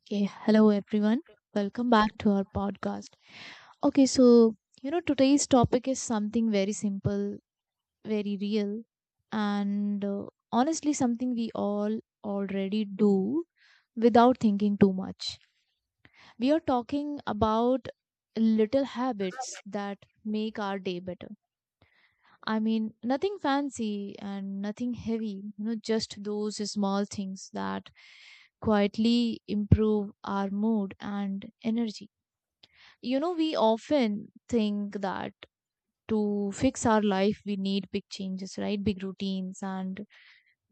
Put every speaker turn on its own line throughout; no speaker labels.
Okay, hello everyone. Welcome back to our podcast. Okay, so today's topic is something very simple, very real, and honestly something we all already do without thinking too much. We are talking about little habits that make our day better. I mean, nothing fancy and nothing heavy, just those small things that quietly improve our mood and energy. You know, we often think that to fix our life, we need big changes, right? Big routines and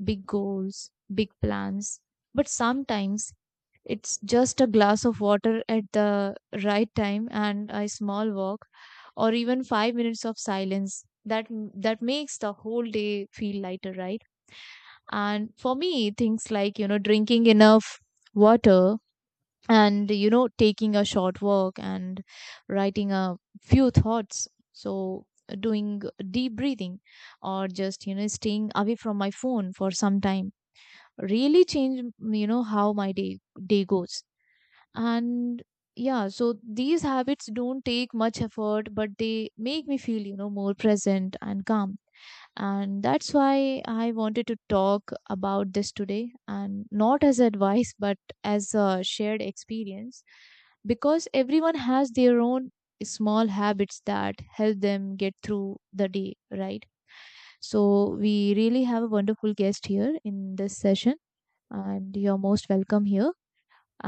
big goals, big plans. But sometimes it's just a glass of water at the right time and a small walk or even 5 minutes of silence that makes the whole day feel lighter, right? And for me things like drinking enough water, and taking a short walk, and writing a few thoughts, so doing deep breathing, or just staying away from my phone for some time really change how my day goes. And yeah, so these habits don't take much effort, but they make me feel more present and calm. And that's why I wanted to talk about this today, and not as advice but as a shared experience, because everyone has their own small habits that help them get through the day, right? So we really have a wonderful guest here in this session, and you're most welcome here.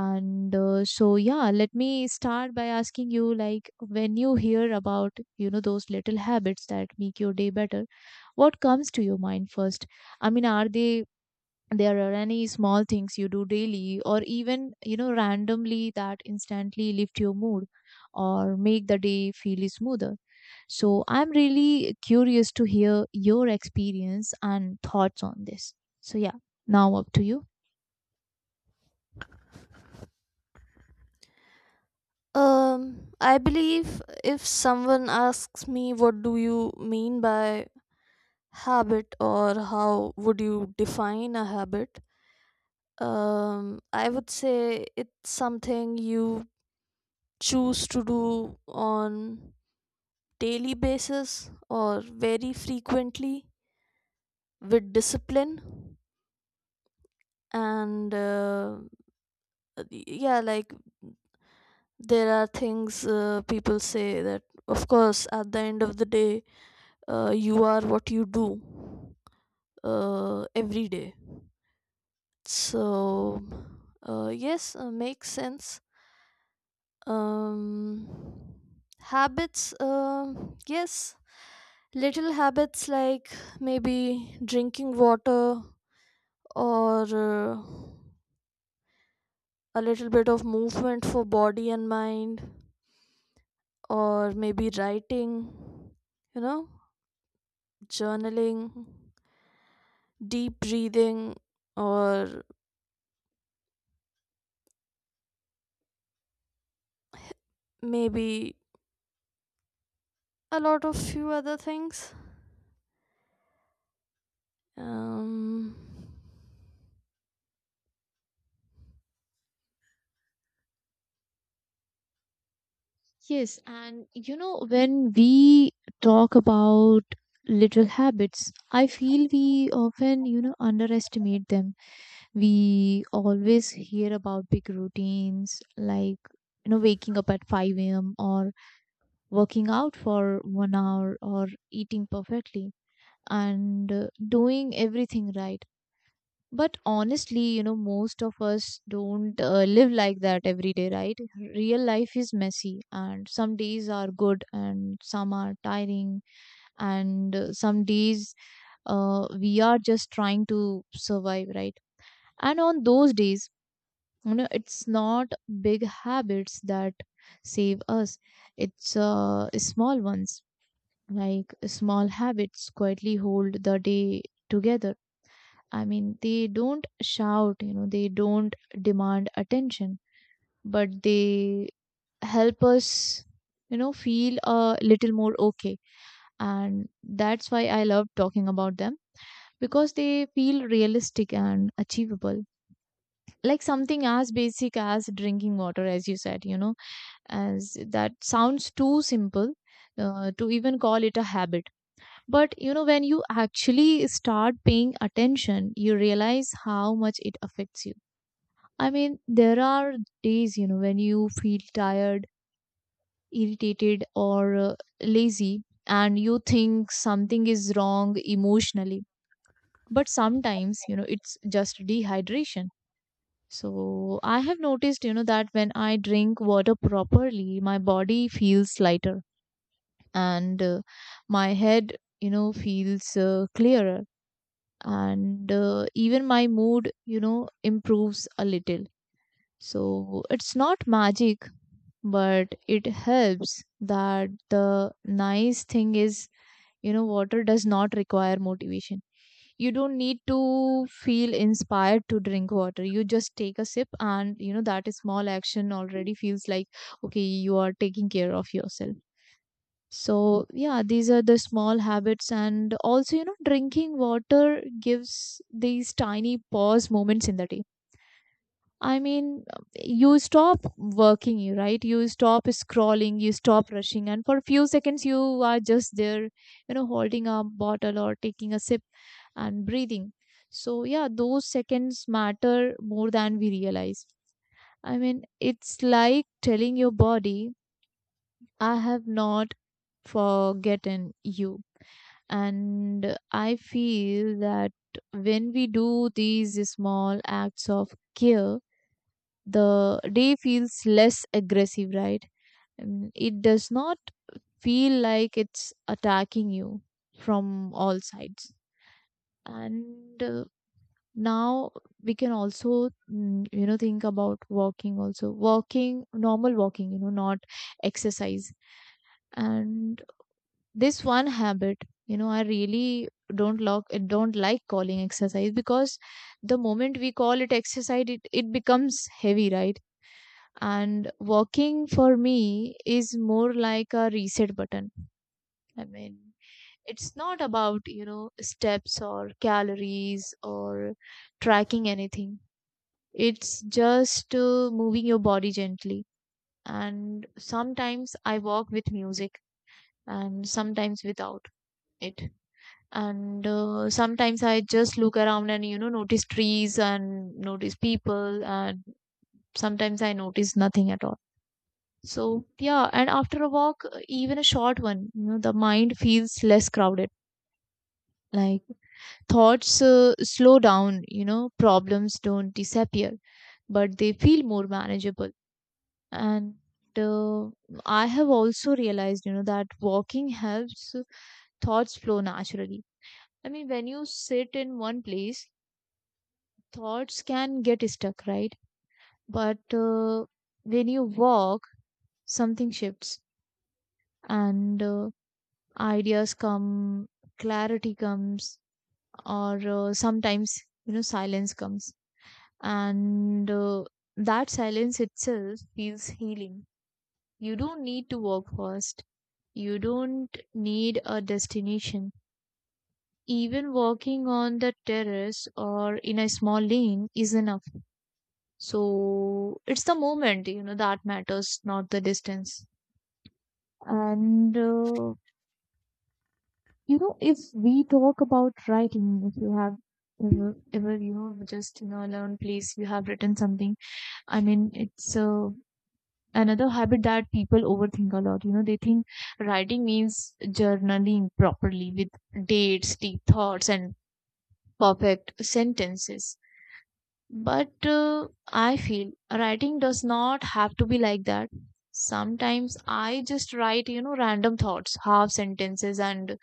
And so yeah, let me start by asking you, like, when you hear about those little habits that make your day better, what comes to your mind first? I mean, are they there are any small things you do daily or even randomly that instantly lift your mood or make the day feel smoother? So I'm really curious to hear your experience and thoughts on this. So yeah, now up to you.
I believe if someone asks me what do you mean by habit, or how would you define a habit, I would say it's something you choose to do on daily basis or very frequently, with discipline. And yeah, like there are things people say, that of course at the end of the day you are what you do every day. So yes, makes sense. um, Habits, yes, little habits like maybe drinking water, or a little bit of movement for body and mind, or maybe writing, you know, journaling, deep breathing, or maybe a lot of few other things. um
Yes, and when we talk about little habits, I feel we often, underestimate them. We always hear about big routines, like, waking up at 5 a.m. or working out for 1 hour or eating perfectly and doing everything right. But honestly, most of us don't live like that every day, right? Real life is messy, and some days are good and some are tiring, and some days we are just trying to survive, right? And on those days it's not big habits that save us, it's small ones. Like, small habits quietly hold the day together. I mean, they don't shout, they don't demand attention, but they help us, feel a little more okay. And that's why I love talking about them, because they feel realistic and achievable. Like something as basic as drinking water, as you said, as that sounds too simple to even call it a habit. But when you actually start paying attention, you realize how much it affects you. I mean, there are days, when you feel tired, irritated, or lazy, and you think something is wrong emotionally. But sometimes, it's just dehydration. So I have noticed, that when I drink water properly, my body feels lighter and my head, feels clearer. And even my mood, improves a little. So it's not magic, but it helps. That the nice thing is, water does not require motivation. You don't need to feel inspired to drink water. You just take a sip, and that small action already feels like, okay, you are taking care of yourself. So yeah, these are the small habits. And also, drinking water gives these tiny pause moments in the day. I mean, you stop working, you, right? You stop scrolling, you stop rushing, and for a few seconds, you are just there, holding a bottle or taking a sip and breathing. So, yeah, those seconds matter more than we realize. I mean, it's like telling your body, "I have not forgotten you." And I feel that when we do these small acts of care, the day feels less aggressive, right? And it does not feel like it's attacking you from all sides. And now we can also, think about walking also. Walking, normal walking, not exercise. And this one habit, I really don't like calling exercise, because the moment we call it exercise, it becomes heavy, right? And walking for me is more like a reset button. I mean, it's not about, steps or calories or tracking anything. It's just moving your body gently. And sometimes I walk with music and sometimes without it. And sometimes I just look around and, notice trees and notice people. And sometimes I notice nothing at all. So, yeah, and after a walk, even a short one, the mind feels less crowded. Like, thoughts slow down, problems don't disappear, but they feel more manageable. And uh, I have also realized, that walking helps thoughts flow naturally. I mean, when you sit in one place, thoughts can get stuck, right? But when you walk, something shifts. And ideas come, clarity comes, or sometimes, silence comes. And that silence itself feels healing. You don't need to walk fast. You don't need a destination. Even walking on the terrace or in a small lane is enough. So it's the moment, that matters, not the distance. And if we talk about writing, if you have ever, just in a alone place you have written something. I mean, it's another habit that people overthink a lot. They think writing means journaling properly with dates, deep thoughts, and perfect sentences. But I feel writing does not have to be like that. Sometimes I just write, random thoughts, half sentences, and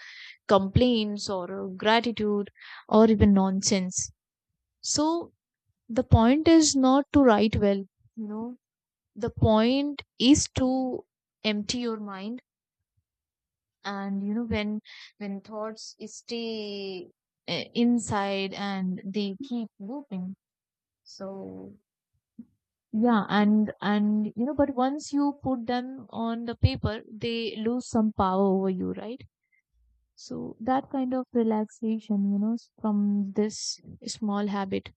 complaints, or gratitude, or even nonsense. So the point is not to write well, you know, the point is to empty your mind. And when thoughts stay inside and they keep looping. So yeah, and but once you put them on the paper, they lose some power over you, right? So that kind of relaxation, from this small habit,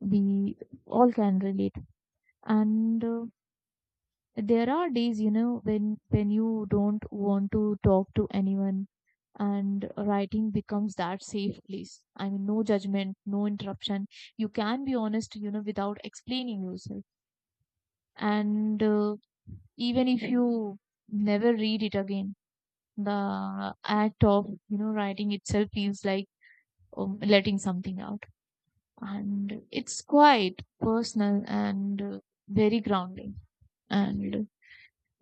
we all can relate. And there are days, when you don't want to talk to anyone, and writing becomes that safe place. I mean, no judgment, no interruption. You can be honest, without explaining yourself. And even if you never read it again, the act of, writing itself feels like letting something out. And it's quite personal and very grounding. And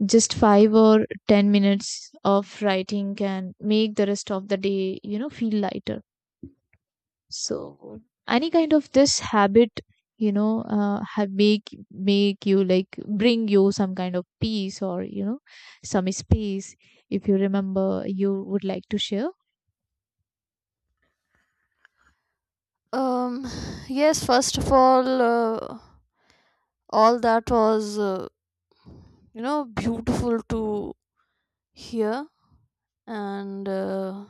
just 5 or 10 minutes of writing can make the rest of the day, feel lighter. So any kind of this habit, have make you like, bring you some kind of peace or some space. If you remember, you would like to share.
um yes, first of all, all that was, you know, beautiful to hear. And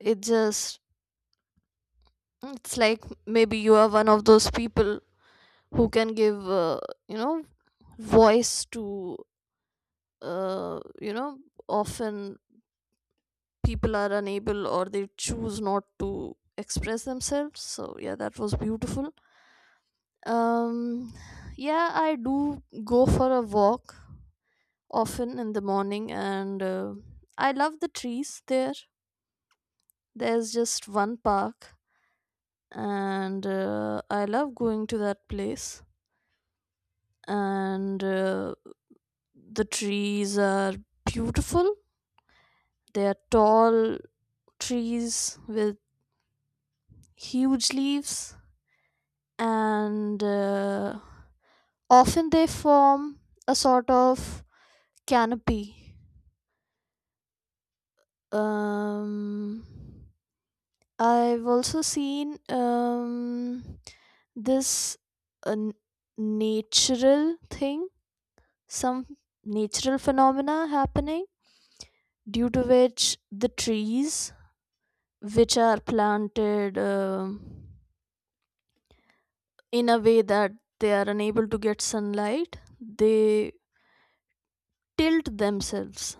it just, it's like maybe you are one of those people who can give, you know, voice to, uh, you know often people are unable or they choose not to express themselves. So yeah, that was beautiful. Um, yeah, I do go for a walk often in the morning, and I love the trees there. There's just one park, and I love going to that place. And the trees are beautiful, they are tall trees with huge leaves, and often they form a sort of canopy. um I've also seen this uh, n- natural thing, some natural phenomena happening due to which the trees which are planted in a way that they are unable to get sunlight, they tilt themselves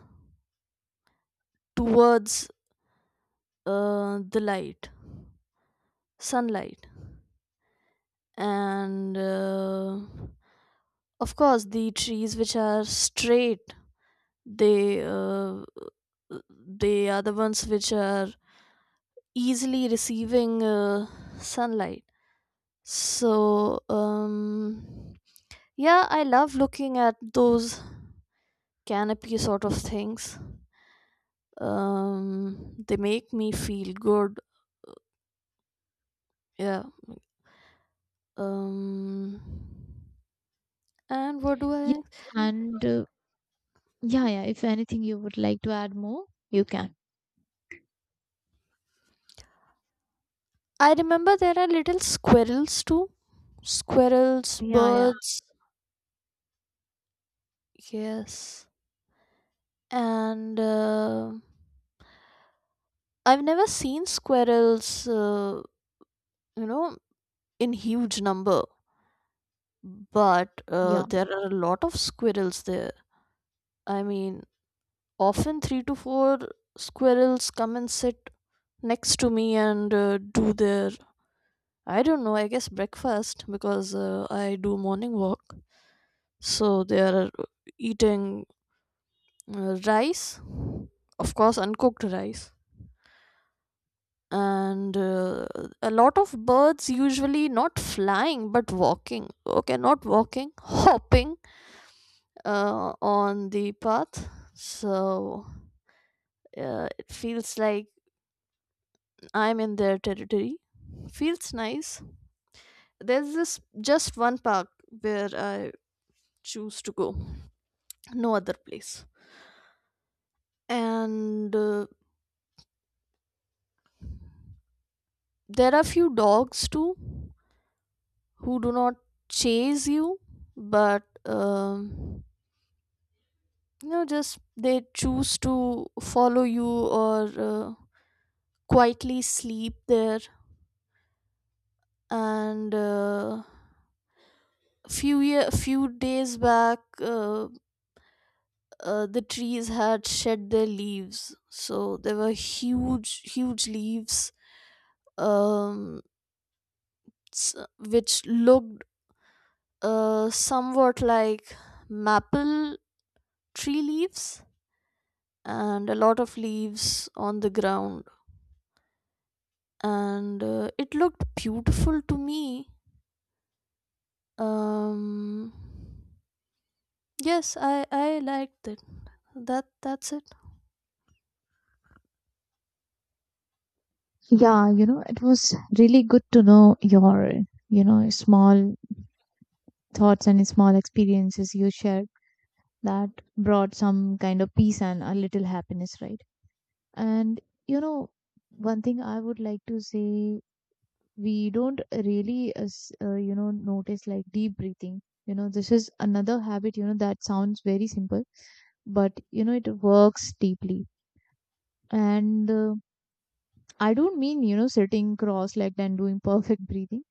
towards the light, sunlight. And of course the trees which are straight, they uh, they are the ones which are easily receiving sunlight. So yeah, I love looking at those canopy sort of things. They make me feel good. Yeah. um and what do
Yeah. And yeah, yeah. If anything you would like to add more, you can.
I remember there are little squirrels too. Squirrels,
Yeah, yeah,
birds, yes. And I've never seen squirrels, you know, in huge number, but
yeah.
there are a lot of squirrels there. I mean, often three to four squirrels come and sit next to me and do their, I don't know, I guess breakfast, because I do morning walk. So they are eating rice, of course, uncooked rice. And a lot of birds usually not flying but walking. Okay, not walking, hopping on the path. So it feels like I'm in their territory. Feels nice. There's this just one park where I choose to go, no other place. And there are few dogs too who do not chase you but you know, just they choose to follow you or uh, quietly sleep there. And few days back, the trees had shed their leaves, so there were huge huge leaves, um, which looked somewhat like maple tree leaves, and a lot of leaves on the ground, and it looked beautiful to me. um yes, I liked it. That, that's it.
Yeah, it was really good to know your, small thoughts and small experiences you shared that brought some kind of peace and a little happiness, right? And, you know, one thing I would like to say, we don't really, notice, like, deep breathing. You know, this is another habit, that sounds very simple, but, it works deeply. And, I don't mean, sitting cross legged and doing perfect breathing.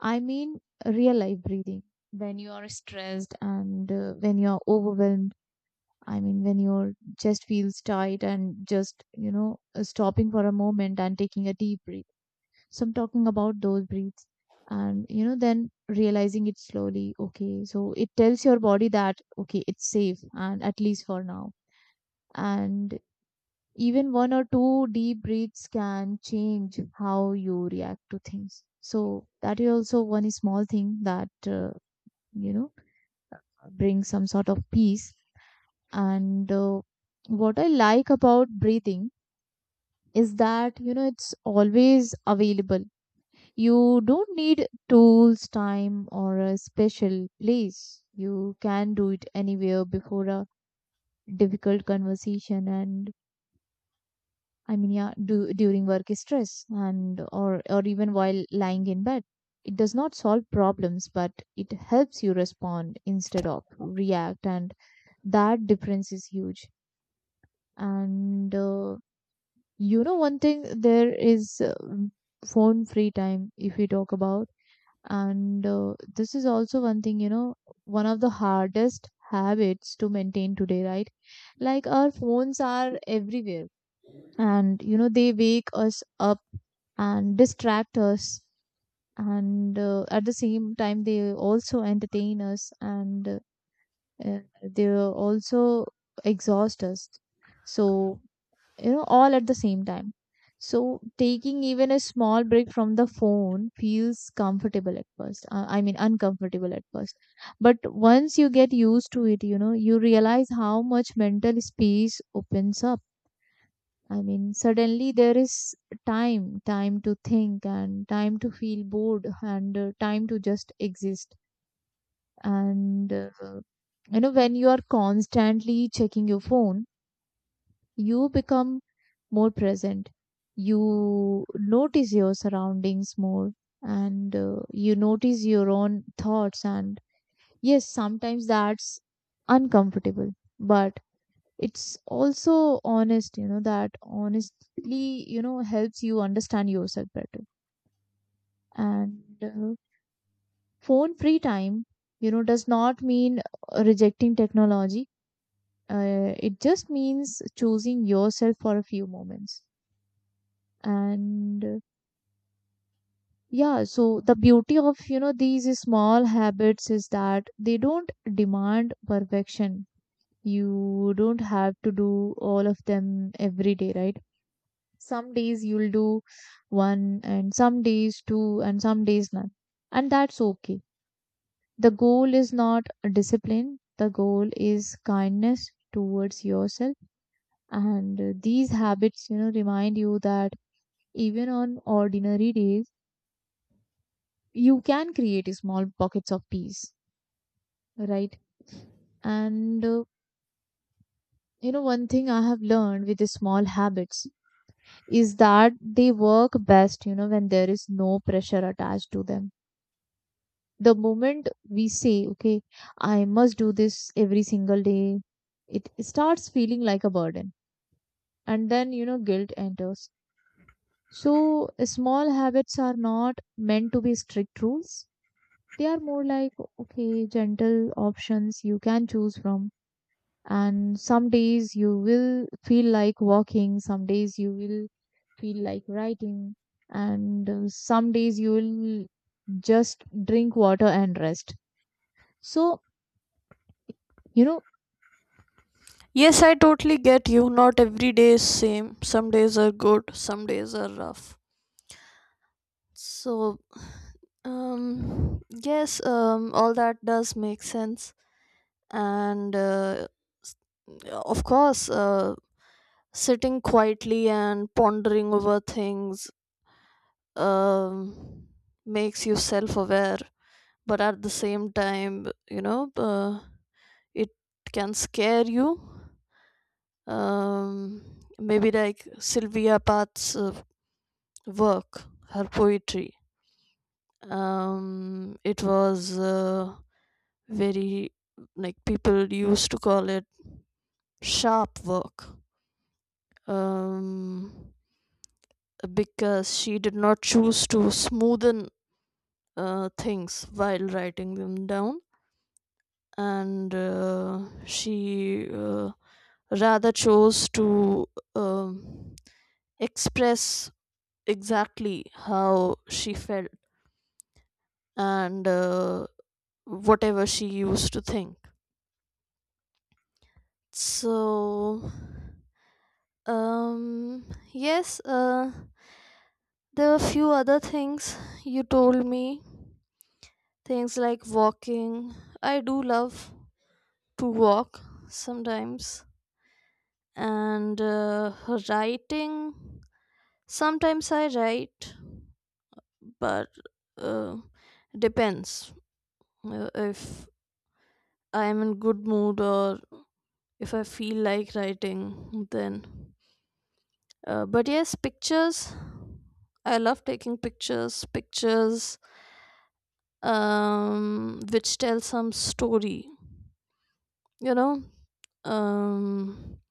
I mean, real life breathing. When you are stressed, and when you are overwhelmed, I mean, when your chest feels tight, and just, stopping for a moment and taking a deep breath. So I'm talking about those breaths and, then realizing it slowly. Okay. So it tells your body that, okay, it's safe, and at least for now. And even one or two deep breaths can change how you react to things. So that is also one small thing that you know brings some sort of peace. And what I like about breathing is that, it's always available. You don't need tools, time, or a special place. You can do it anywhere, before a difficult conversation, and I mean, yeah, during work stress, and or even while lying in bed. It does not solve problems, but it helps you respond instead of react, and that difference is huge. And one thing there is phone free time if we talk about, and this is also one thing one of the hardest habits to maintain today, right? Like our phones are everywhere and they wake us up and distract us and at the same time they also entertain us and they also exhaust us so all at the same time. So taking even a small break from the phone feels comfortable at first, I mean, uncomfortable at first, but once you get used to it you realize how much mental space opens up. I mean, suddenly there is time, to think and time to feel bored and time to just exist. And, uh, when you are constantly checking your phone, you become more present. You notice your surroundings more and you notice your own thoughts. And yes, sometimes that's uncomfortable, but it's also honest, that honestly helps you understand yourself better. And phone free time, does not mean rejecting technology. It just means choosing yourself for a few moments. And yeah, so the beauty of these small habits is that they don't demand perfection. You don't have to do all of them every day, right? Some days you'll do one, and some days two, and some days none. And that's okay. The goal is not discipline, the goal is kindness towards yourself. And these habits, remind you that even on ordinary days, you can create small pockets of peace, right? And one thing I have learned with the small habits is that they work best, when there is no pressure attached to them. The moment we say, okay, I must do this every single day, it starts feeling like a burden. And then, guilt enters. So, small habits are not meant to be strict rules. They are more like, okay, gentle options you can choose from. And some days you will feel like walking, some days you will feel like writing, and some days you will just drink water and rest. So, You know,
Yes, I totally get you. Not every day is same, some days are good, some days are rough. So yes, all that does make sense. And uh, s- of course sitting quietly and pondering over things um, makes you self-aware, but at the same time, you know, it can scare you. um, Maybe like Sylvia Path's work, her poetry. It was, very, like people used to call it sharp work, um, because she did not choose to smoothen things while writing them down, and she rather chose to um express exactly how she felt and whatever she used to think. So, um, yes, there were a few other things you told me. Things like walking. I do love to walk sometimes. And writing. Sometimes I write, but uh, depends, if I am in good mood or if I feel like writing. Then, but yes, pictures. I love taking pictures. Pictures, which tell some story. You know, um,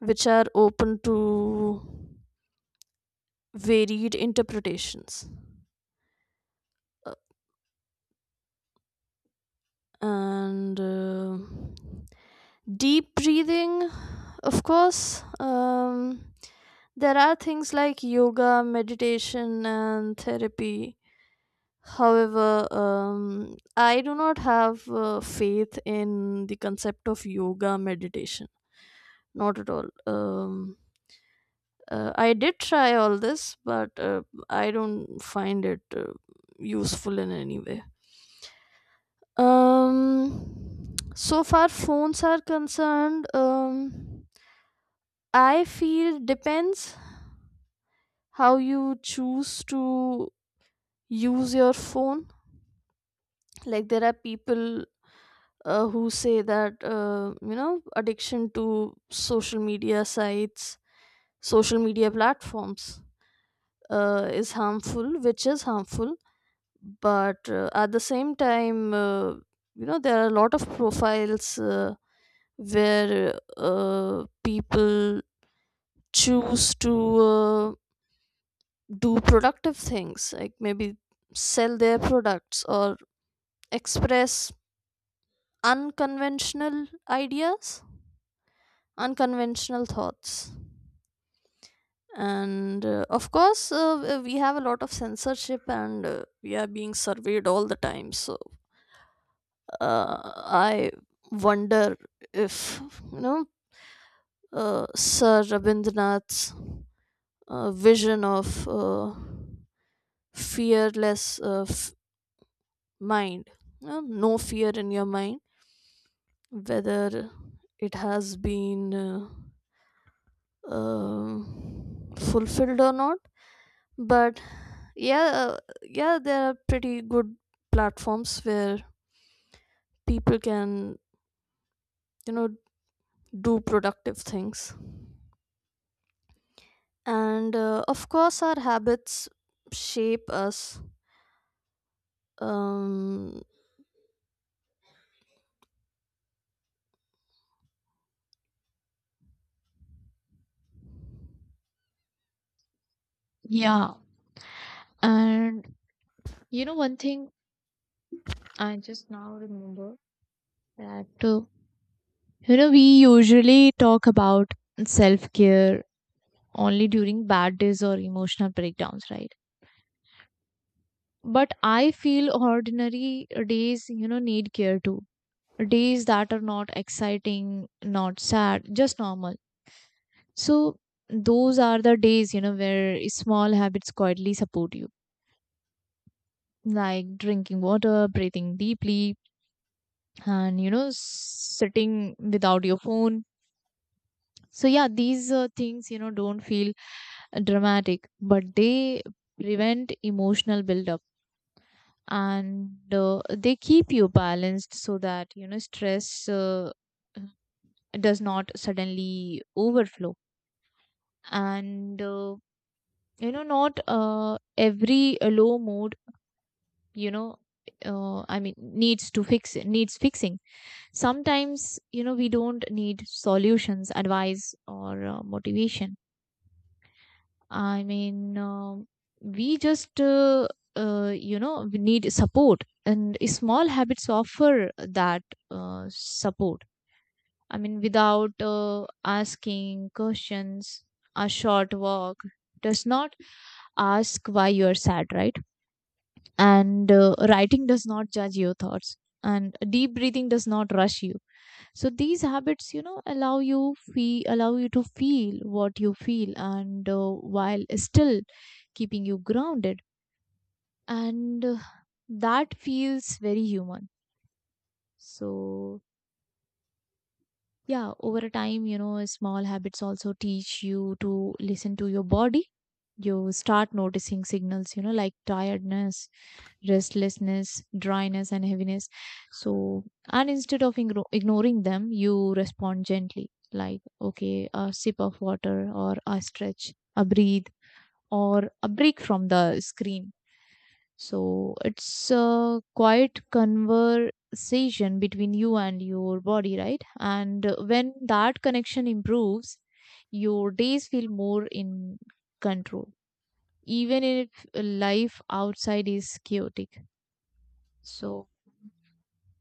which are open to varied interpretations. Uh, and. Deep breathing, of course. There are things like yoga, meditation and therapy, however, I do not have faith in the concept of yoga, meditation. Not at all. I did try all this, but I don't find it useful in any way. um, so far phones are concerned, I feel depends how you choose to use your phone. Like there are people who say that, you know, addiction to social media sites, social media platforms is harmful, which is harmful, but at the same time, you know, there are a lot of profiles where people choose to, do productive things like maybe sell their products or express unconventional ideas, unconventional thoughts. And of course, we have a lot of censorship, and we are being surveyed all the time. So I wonder if, you know, Sir Rabindranath's vision of fearless mind, you know, no fear in your mind, whether it has been. Fulfilled or not. But yeah, yeah, there are pretty good platforms where people can, you know, do productive things. And of course our habits shape us. um
yeah. And one thing I just now remember that, we usually talk about self care only during bad days or emotional breakdowns, right? But I feel ordinary days, need care too. Days that are not exciting, not sad, just normal. So, those are the days, where small habits quietly support you, like drinking water, breathing deeply, and sitting without your phone. So yeah, these things, don't feel dramatic, but they prevent emotional buildup. And they keep you balanced so that stress does not suddenly overflow. And not every low mood, you know I mean, needs fixing. Sometimes we don't need solutions, advice, or motivation. I mean, we just we need support, and small habits offer that support, I mean, without asking questions. A short walk does not ask why you are sad, right? and writing does not judge your thoughts, and deep breathing does not rush you. So these habits, allow you to feel what you feel, and while still keeping you grounded. And that feels very human. So, yeah, over a time, small habits also teach you to listen to your body. You start noticing signals, like tiredness, restlessness, dryness, and heaviness. So, and instead of ignoring them, you respond gently, like, okay, a sip of water, or a stretch, a breathe, or a break from the screen. So it's a quiet conversation between you and your body, right? And when that connection improves, your days feel more in control, even if life outside is chaotic. So,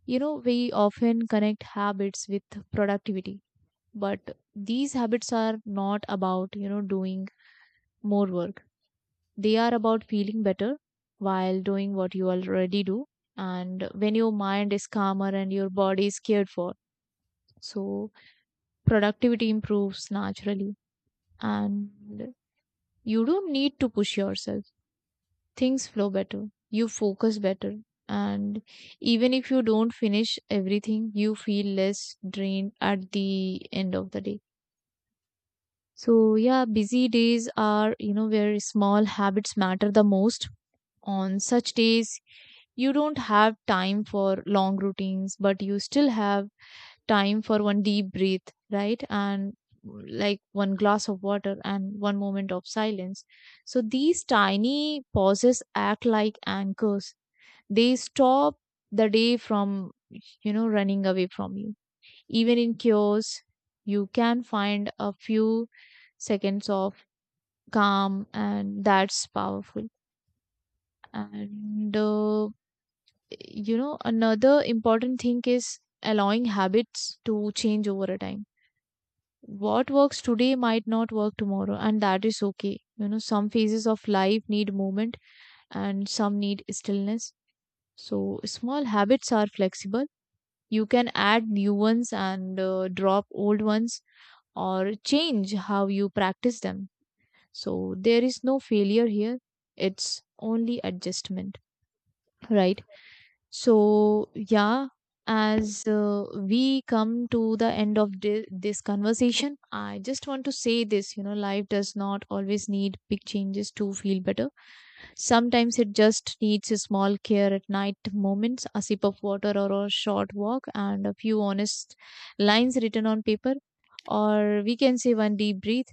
we often connect habits with productivity, but these habits are not about, doing more work. They are about feeling better while doing what you already do. And when your mind is calmer and your body is cared for, so productivity improves naturally. And you don't need to push yourself. Things flow better. You focus better. And even if you don't finish everything, you feel less drained at the end of the day. So, yeah, busy days are, where small habits matter the most. On such days, you don't have time for long routines, but you still have time for one deep breath, right? And like one glass of water and one moment of silence. So these tiny pauses act like anchors. They stop the day from running away from you. Even in chaos, you can find a few seconds of calm, and that's powerful. And another important thing is allowing habits to change over a time. What works today might not work tomorrow, and that is okay. Some phases of life need movement and some need stillness. So small habits are flexible. You can add new ones and drop old ones, or change how you practice them. So there is no failure here, it's only adjustment, right? So, yeah, as we come to the end of this conversation, I just want to say this, life does not always need big changes to feel better. Sometimes it just needs a small care at night moments, a sip of water or a short walk, and a few honest lines written on paper. Or we can say one deep breath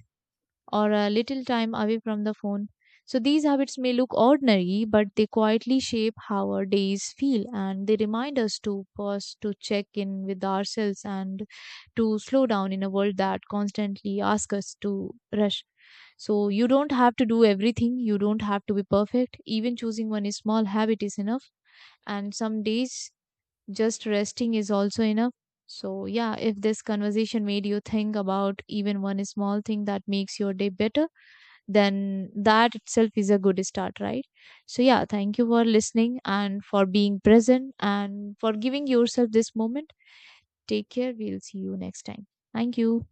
or a little time away from the phone. So these habits may look ordinary, but they quietly shape how our days feel, and they remind us to pause, to check in with ourselves, and to slow down in a world that constantly asks us to rush. So you don't have to do everything, you don't have to be perfect. Even choosing one small habit is enough, and some days just resting is also enough. So, yeah, if this conversation made you think about even one small thing that makes your day better, then that itself is a good start, right? So, yeah, thank you for listening and for being present and for giving yourself this moment. Take care. We'll see you next time. Thank you.